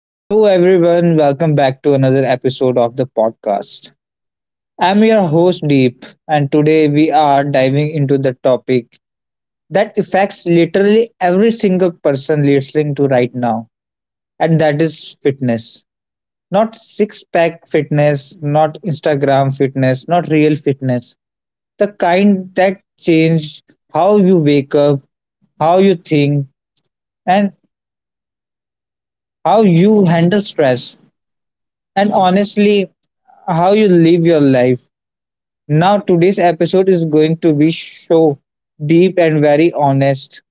Hello, everyone. Welcome back to another episode of the podcast. I'm your host, Deep, and today we are diving into the topic that affects literally every single person listening to right now, and that is fitness. Not six pack fitness, not Instagram fitness, not real fitness. The kind that change how you wake up, how you think, and how you handle stress, and honestly, how you live your life. Now, today's episode is going to be so deep and very honest.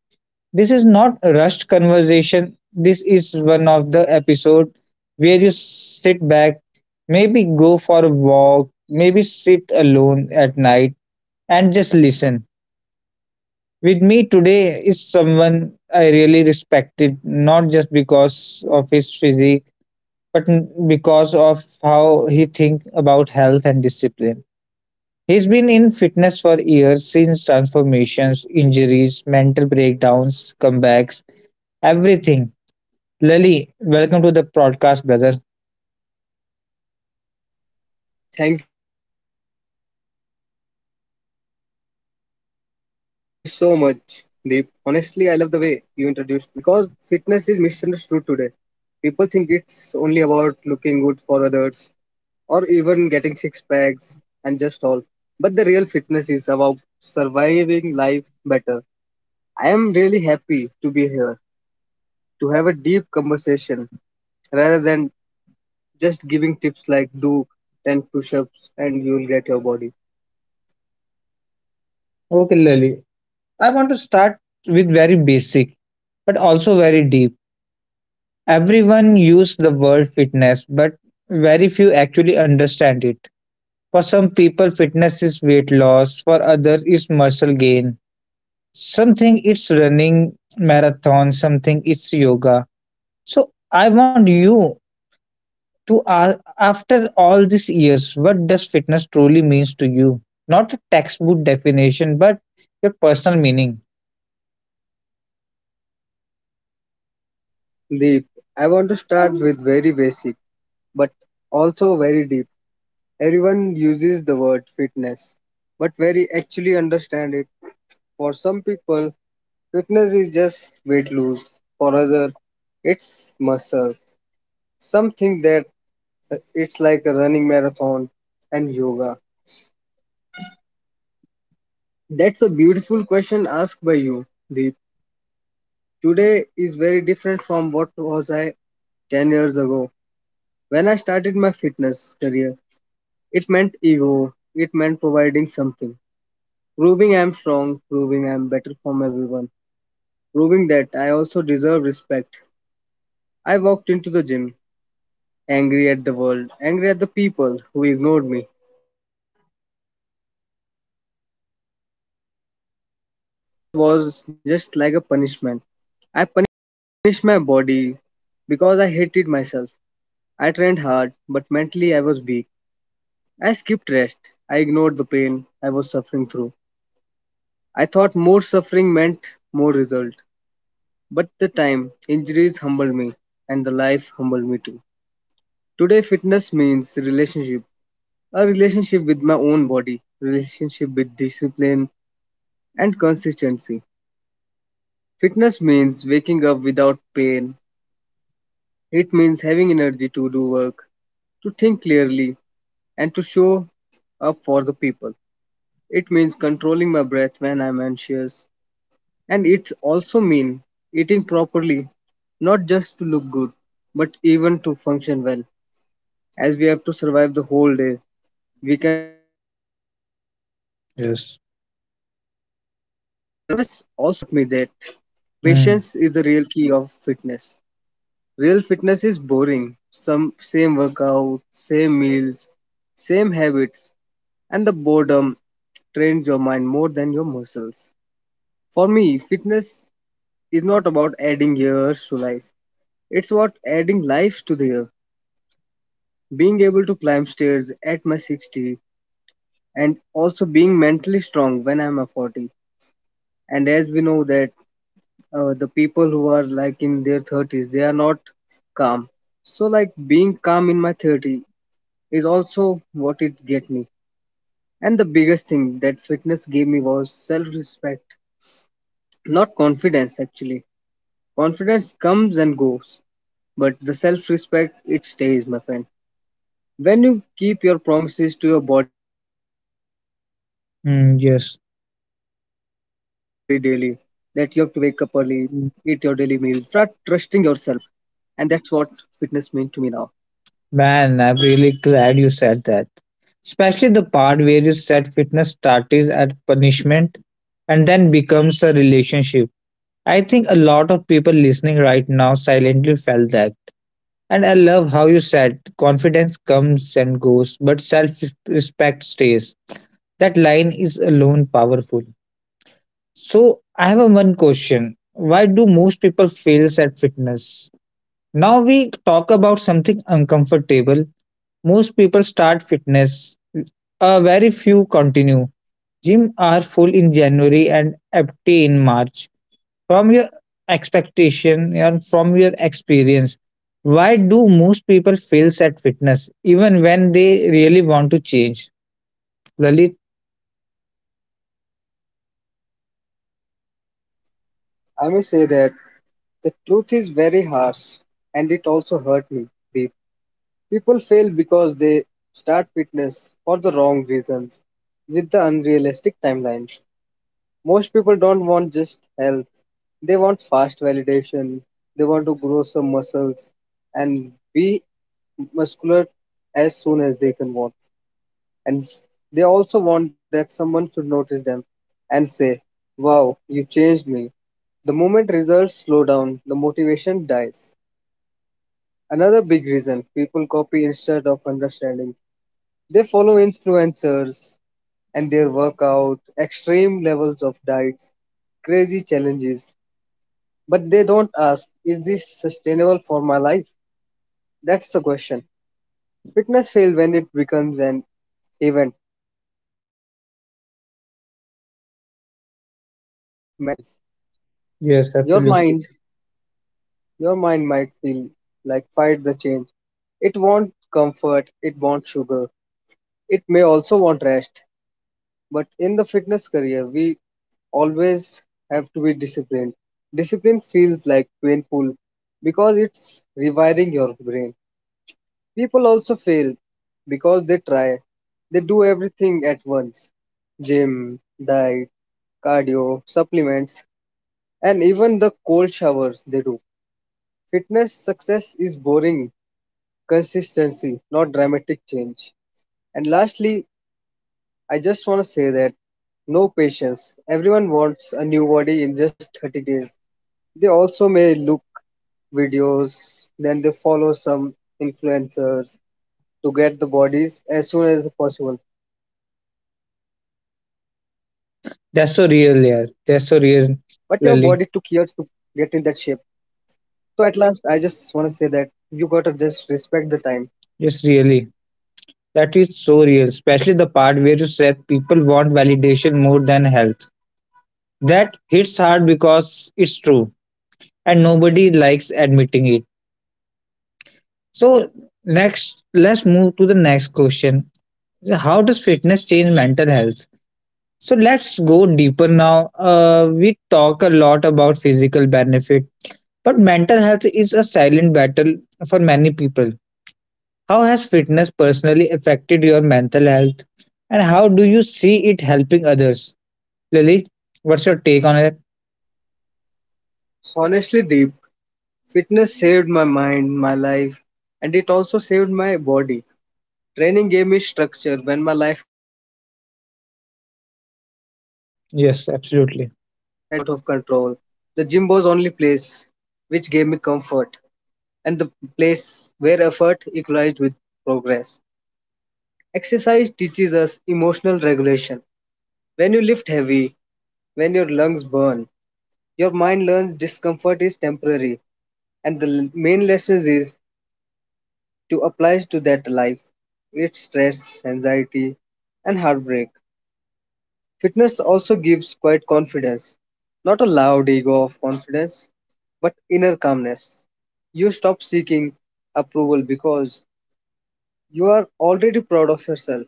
This is not a rushed conversation. This is one of the episode where you sit back, maybe go for a walk, maybe sit alone at night and just listen. With me today is someone I really respected, not just because of his physique, but because of how he think about health and discipline. He's been in fitness for years since transformations, injuries, mental breakdowns, comebacks, everything. Lali, welcome to the podcast, brother. Thank you so much, Deep. Honestly, I love the way you introduced me because fitness is misunderstood today. People think it's only about looking good for others or even getting six packs and just all. But the real fitness is about surviving life better. I am really happy to be here to have a deep conversation rather than just giving tips like do 10 push ups and you'll get your body. Okay, Lali. I want to start with very basic, but also very deep. Everyone use the word fitness, but very few actually understand it. For some people, fitness is weight loss. For others, it's muscle gain. Something it's running marathon. Something it's yoga. So I want you to ask after all these years, what does fitness truly means to you? Not a textbook definition, but your personal meaning. Deep, I want to start with very basic, but also very deep. Everyone uses the word fitness, but very actually understand it. For some people, fitness is just weight loss. For others, it's muscles. Some think that it's like a running marathon and yoga. That's a beautiful question asked by you, Deep. Today is very different from what was I 10 years ago when I started my fitness career. It meant ego. It meant providing something. Proving I'm strong, proving I'm better from everyone, proving that I also deserve respect. I walked into the gym, angry at the world, angry at the people who ignored me, and even angry at my own insecurities. Back then, fitness was just like a punishment. I punished my body because I hated myself. I trained hard, but mentally I was weak. I skipped rest. I ignored the pain I was suffering through. I thought more suffering meant more result. But the time, injuries humbled me, and the life humbled me too. Today, fitness means relationship. A relationship with my own body, relationship with discipline and consistency. Fitness means waking up without pain. It means having energy to do work, to think clearly, and to show up for the people. It means controlling my breath when I'm anxious, and it also mean eating properly, not just to look good, but even to function well. As we have to survive the whole day, we cannot just eat something and Yes. survive the whole day. Fitness also taught me that patience Mm, is the real key of fitness. Real fitness is boring. Some same workout, same meals, same habits, and the boredom trains your mind more than your muscles. For me, fitness is not about adding years to life. It's what adding life to there. Being able to climb stairs at my 60 and also being mentally strong when I'm a 40. And as we know that the people who are like in their 30s, they are not calm. So like being calm in my 30 is also what it get me. And the biggest thing that fitness gave me was self-respect, not confidence actually. Confidence comes and goes, but the self-respect it stays, my friend. When you keep your promises to your body daily, that you have to wake up early, yes. eat your daily meals, you start trusting yourself. Mm. And that's what fitness means to me now. Man, I'm really glad you said that. Especially the part where you said fitness starts as punishment and then becomes a relationship. I think a lot of people listening right now silently felt that. And I love how you said confidence comes and goes, but self respect stays. That line is alone powerful. So, I have a one question. Why do most people fail at fitness? Now we talk about something uncomfortable. Most people start fitness, very few continue. Gym are full in January and empty in March. From your expectation and from your experience, why do most people fail at fitness even when they really want to change, lalit? So, to answer your this question, I may say that the truth is very harsh and it also hurt me deep. People fail because they start fitness for the wrong reasons with the unrealistic timelines. Most people don't want just health. They want fast validation. They want to grow some muscles and be muscular as soon as they can want. And s- they also want that someone should notice them and say, "Wow, you changed me." The moment results slow down, the motivation dies. Another big reason people copy instead of understanding. They follow influencers and their workout, extreme levels of diets, crazy challenges. But they don't ask, is this sustainable for my life? That's the question. Fitness fails when it becomes an event instead of a lifestyle. Also, nobody talks about mental resistance. Yes, Your absolutely. mind, your mind might feel like fight the change. It wants comfort, it wants sugar, it may also want rest. But in the fitness career, we always have to be disciplined. Discipline feels like painful because it's rewiring your brain. People also fail because they try. They do everything at once: gym, diet, cardio, supplements, and even the cold showers they do. Fitness success is boring, consistency, not dramatic change. And lastly, I just want to say that no patience. Everyone wants a new body in just 30 days. They also may look videos, then they follow some influencers to get the bodies as soon as possible, but your body took years to get in that shape, That's so real, to yeah. reach the That's so real, condition. lalit. So at last I just want to say that you gotta just respect the time. Yes, really. That is so real, especially the part where you said people want validation more than health. That hits hard because it's true and nobody likes admitting it. So, next let's move to the next question. How does fitness change mental health? So let's go deeper now. We talk a lot about physical benefit, but mental health is a silent battle for many people. How has fitness personally affected your mental health, and how do you see it helping others? Lily, what's your take on it? Honestly, Deep, fitness saved my mind, my life, and it also saved my body. Training gave me structure when my life had nothing, when everything started Yes, falling, felt absolutely. out of control. The gym was only place which gave me comfort, and the place where effort equalized with progress. Exercise teaches us emotional regulation. When you lift heavy, when your lungs burn, your mind learns discomfort is temporary, and the main lesson is to apply to that life. It's stress, anxiety, and heartbreak. Fitness also gives quiet confidence, not a loud ego of confidence, but inner calmness. You stop seeking approval because you are already proud of yourself.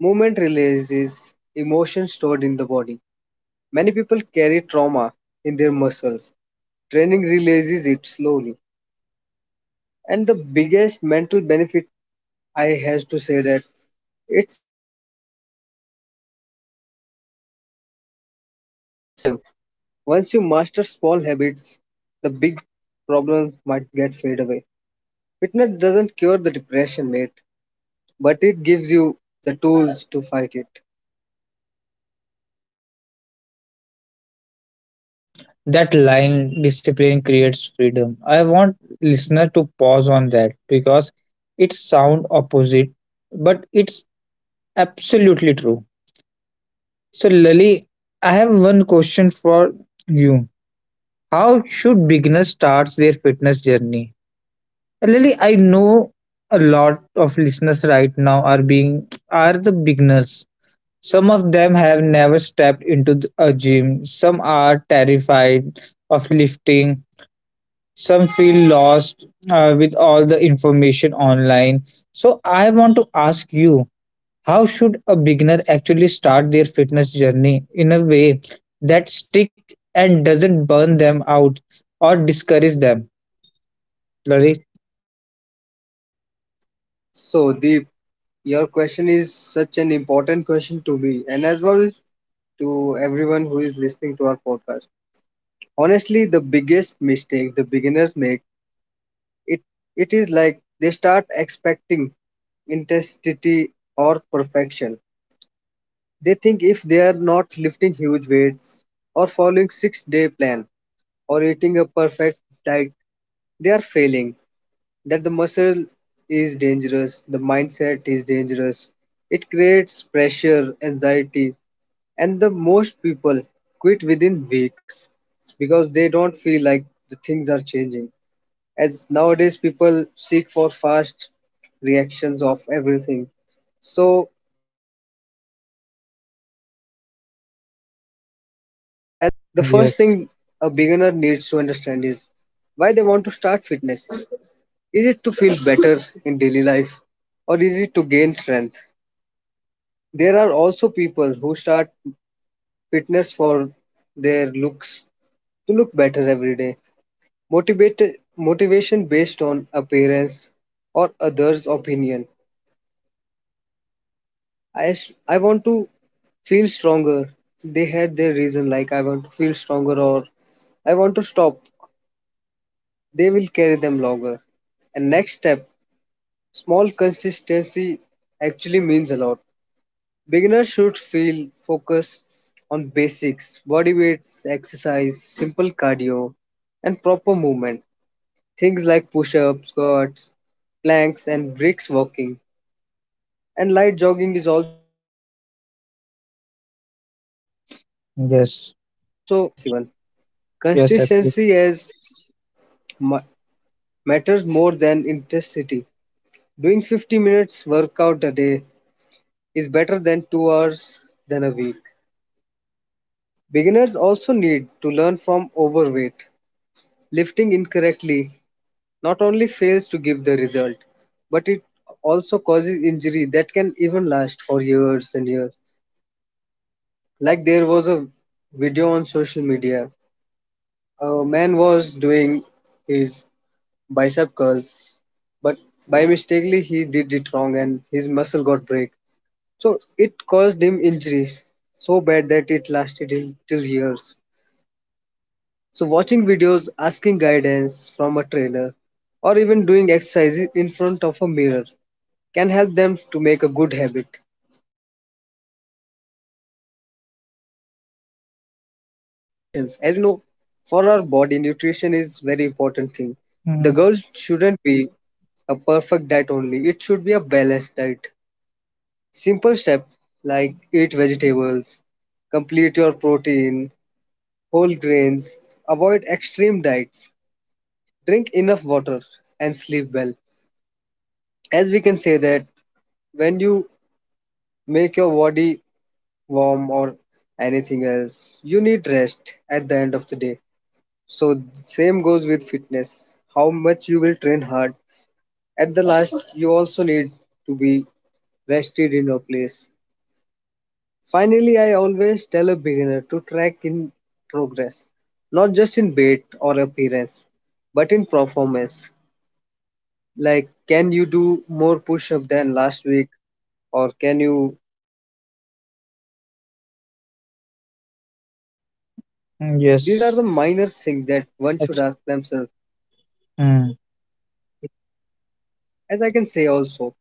Movement releases emotions stored in the body. Many people carry trauma in their muscles. Training releases it slowly. And the biggest mental benefit I has to say that it's always the discipline. Discipline creates freedom. Once you master small habits, the big problem might get fade away. Fitness doesn't cure the depression, mate, but it gives you the tools to fight it. That line, discipline creates freedom. I want listener to pause on that because it sound opposite, but it's absolutely true. So, Lali, I have one question for you. How should beginners start their fitness journey? And Lali, I know a lot of listeners right now are the beginners. Some of them have never stepped into a gym. Some are terrified of lifting. Some feel lost with all the information online. So I want to ask you, how should a beginner actually start their fitness journey in a way that stick and doesn't burn them out or discourage them? Lalit? So, Deep, your question is such an important question to me and as well to everyone who is listening to our podcast. Honestly, the biggest mistake the beginners make it it is like they start expecting intensity or perfection. They think if they are not lifting huge weights or following 6-day plan or eating a perfect diet, they are failing. That the muscle is dangerous, the mindset is dangerous. It creates pressure, anxiety, and the most people quit within weeks because they don't feel like the things are changing, as nowadays people seek for fast reactions of everything. So, as I said, discipline is the key of fitness, so it is the main concern. The first thing a Yes, beginner needs to understand is why they want to start fitness. Is it to feel better in daily life or is it to gain strength? There are also people who start fitness for their looks, to look better every day, motivate motivation based on appearance or others' opinion. I want to feel stronger. They had their reason, like I want to feel stronger or I want to stop. They will carry them longer. And next step, small consistency actually means a lot. Beginners should feel focused on basics, body weights, exercise, simple cardio, and proper movement. Things like push ups, squats, planks, and bricks walking. And light jogging is also a good thing for them. Not complicated one and yes, not the fancy one. yes, absolutely. Consistency is ma- matters more than intensity. Doing 50 minutes workout a day is better than 2 hours than a week. Beginners also need to learn from overweight, lifting incorrectly, not only fails to give the result, but it also causes injury that can even last for years and years. Like there was a video on social media. A man was doing his bicep curls, but by mistakenly he did it wrong and his muscle got break. So it caused him injuries so bad that it lasted him till years. So watching videos, asking guidance from a trainer, or even doing exercises in front of a mirror can help them to make a good habit. And there comes another thing, nutrition. As we know, for our body, nutrition is very important thing. The Mm, goal shouldn't be a perfect diet only. It should be a balanced diet. Simple step like eat vegetables, complete your protein, whole grains, avoid extreme diets, drink enough water, and sleep well. As we can say that when you make your body warm or anything else, you need rest at the end of the day. So same goes with fitness. How much you will train hard. At the last you also need to be rested in your place. Finally, I always tell a beginner to track in progress. Not just in weight or appearance, but in performance. Like, can you do more push up than last week? Or can you walk longer without fatigue? Are you sleeping better today? These are the Yes. minor things that one should ask abs- themselves. mm. As I can say also,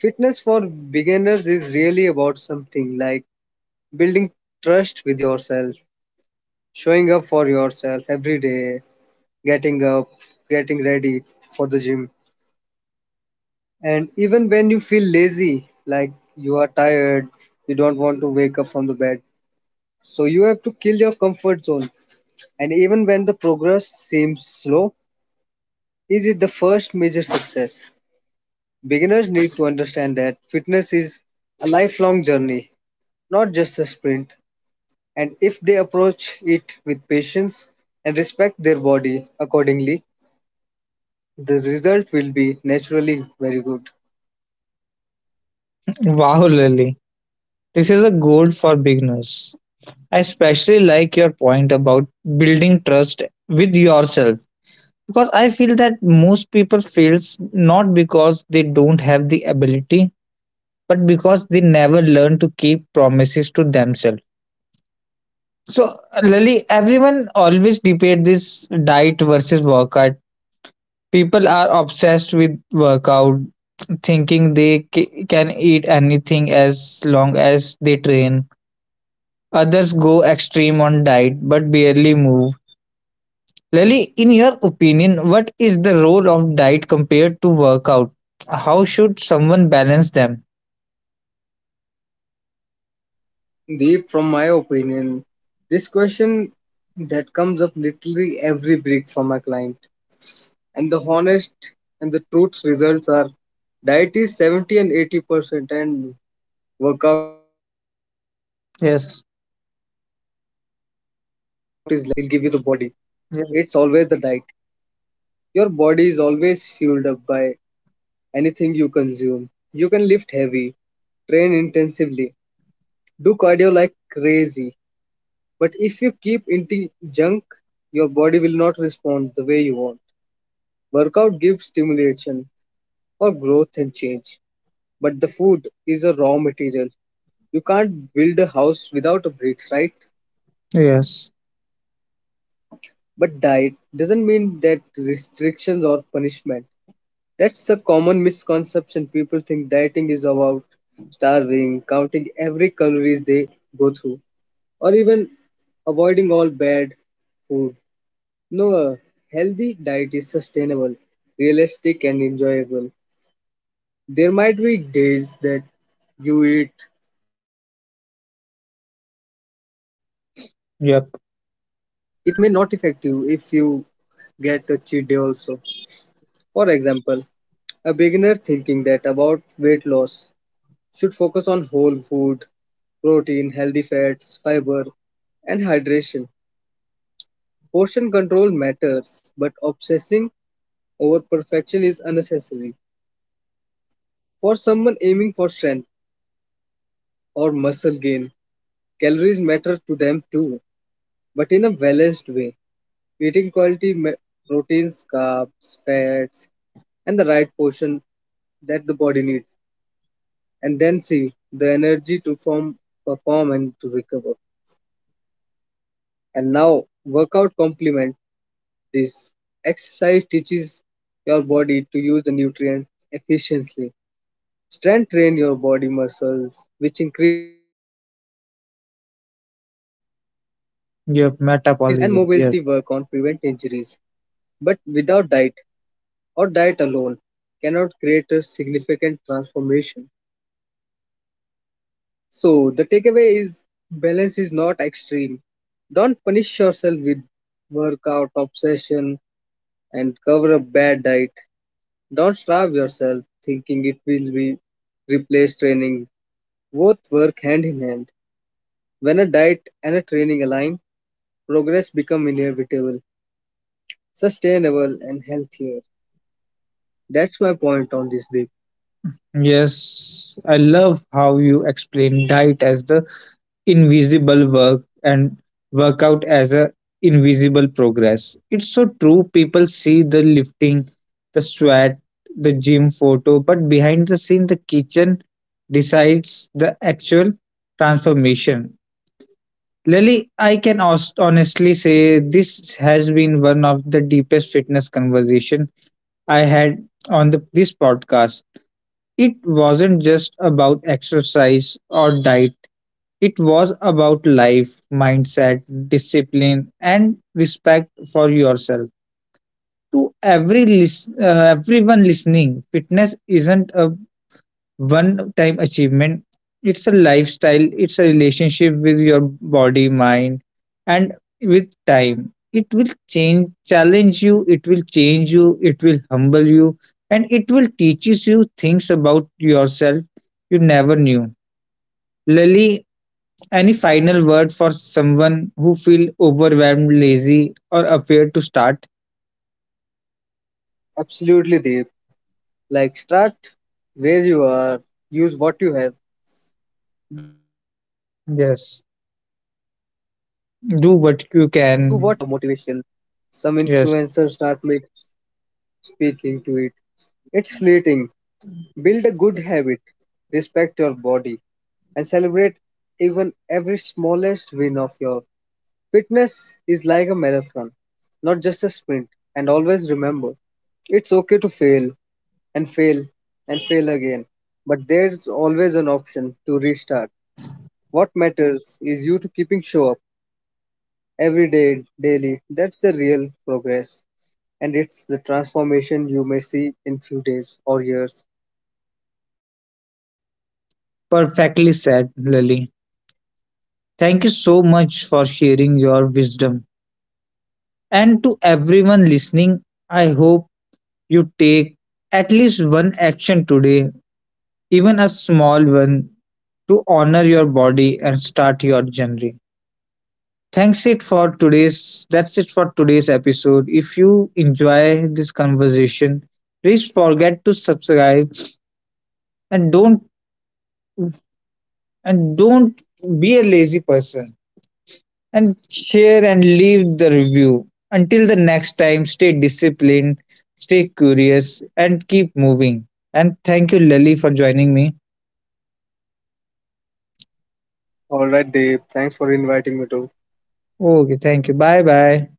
fitness for beginners is really about something like building trust with yourself, showing up for yourself every day, getting up, getting ready for the gym. And even when you feel lazy, like you are tired, you don't want to wake up from the bed. So you have to kill your comfort zone. And even when the progress seems slow, is it the first major success? Beginners need to understand that fitness is a lifelong journey, not just a sprint, and if they approach it with patience and respect their body accordingly, the result will be naturally very good. Wow, Lily. This is a gold for beginners. I especially like your point about building trust with yourself because I feel that most people fails not because they don't have the ability but because they never learn to keep promises to themselves. So, Lali, everyone always debate this diet versus workout. People are obsessed with workout, thinking they can eat anything as long as they train. Others go extreme on diet but barely move. Lali, in your opinion, what is the role of diet compared to workout? How should someone balance them? Deep, from my opinion, this question that comes up literally every break from my client, and the honest and the truth results are diet is 70 and 80% and workout is less. It's Yes. not that the gym will give you the body. It's Yes. always the diet. Your body is always fueled up by anything you consume. You can lift heavy, train intensively, do cardio like crazy. But if you keep eating junk, your body will not respond the way you want. Workout gives stimulation for growth and change. But the food is a raw material. You can't build a house without a bricks, right? Yes. But diet doesn't mean that restrictions or punishment. That's a common misconception. People think dieting is about starving, counting every calories they go through, or even avoiding all bad food. No, a healthy diet is sustainable, realistic, and enjoyable. There might be days that you eat healthy food like balanced diet, but Yep. it may not affect you if you get a cheat day also. For example, a beginner thinking that about weight loss should focus on whole food, protein, healthy fats, fiber, and hydration. Portion control matters, but obsessing over perfection is unnecessary. For someone aiming for strength or muscle gain, calories matter to them too, but in a balanced way. Eating quality proteins, carbs, fats, and the right portion that the body needs, and then see the energy to form, perform, and to recover. And now, workout complement this exercise teaches your body to use the nutrients efficiently. Strength train your body muscles, which increase metabolism. Cardio improve cardiovascular health, Yep. and mobility Metabolism. work Yes. on prevent injuries. But without diet or diet alone cannot create a significant transformation. So the takeaway is balance is not extreme. Don't punish yourself with workout obsession and cover up bad diet. Don't starve yourself thinking it will be replace training. Both work hand in hand. When a diet and a training align, progress become inevitable, sustainable and healthier. That's my point on this, Deep. Yes, I love how you explain diet as the invisible work and workout as a invisible progress. It's so true. People see the lifting, the sweat, the gym photo, but behind the scene, the kitchen decides the actual transformation. Lily, I can honestly say this has been one of the deepest fitness conversation I had on this podcast. It wasn't just about exercise or diet, it was about life, mindset, discipline, and respect for yourself. To every everyone listening, fitness isn't a one time achievement, it's a lifestyle, it's a relationship with your body mind and with time it will change challenge you, it will change you, it will humble you, and it will teaches you things about yourself you never knew. Lily, any final word for someone who feel overwhelmed lazy or afraid to start? Absolutely, Deep. Like start where you are, use what you have, do what you can do. Yes. Stop overthinking. Don't just Do wait for what you some kind of can. motivation. Some Yes, influencers start make speaking to it. It's fleeting. Build a good habit, respect your body, and celebrate even every smallest win of your fitness is like a marathon, not just a sprint. And always remember, it's okay to fail and fail and fail again, but there's always an option to restart. What matters is you to keeping show up every day, daily. That's the real progress, and it's the transformation you may see in few days or years. perfectly said, Lily. Thank you so much for sharing your wisdom. And to everyone listening, I hope you take at least one action today, even a small one, to honor your body and start your journey. Thanks it for today's That's it for today's episode. If you enjoy this conversation, please forget to subscribe and don't and don't be a lazy person. And share and leave the review. Until the next time, stay disciplined, stay curious, and keep moving. And thank you, Lily, for joining me. All right, Dave. Thanks for inviting me to. Okay, thank you. Bye bye.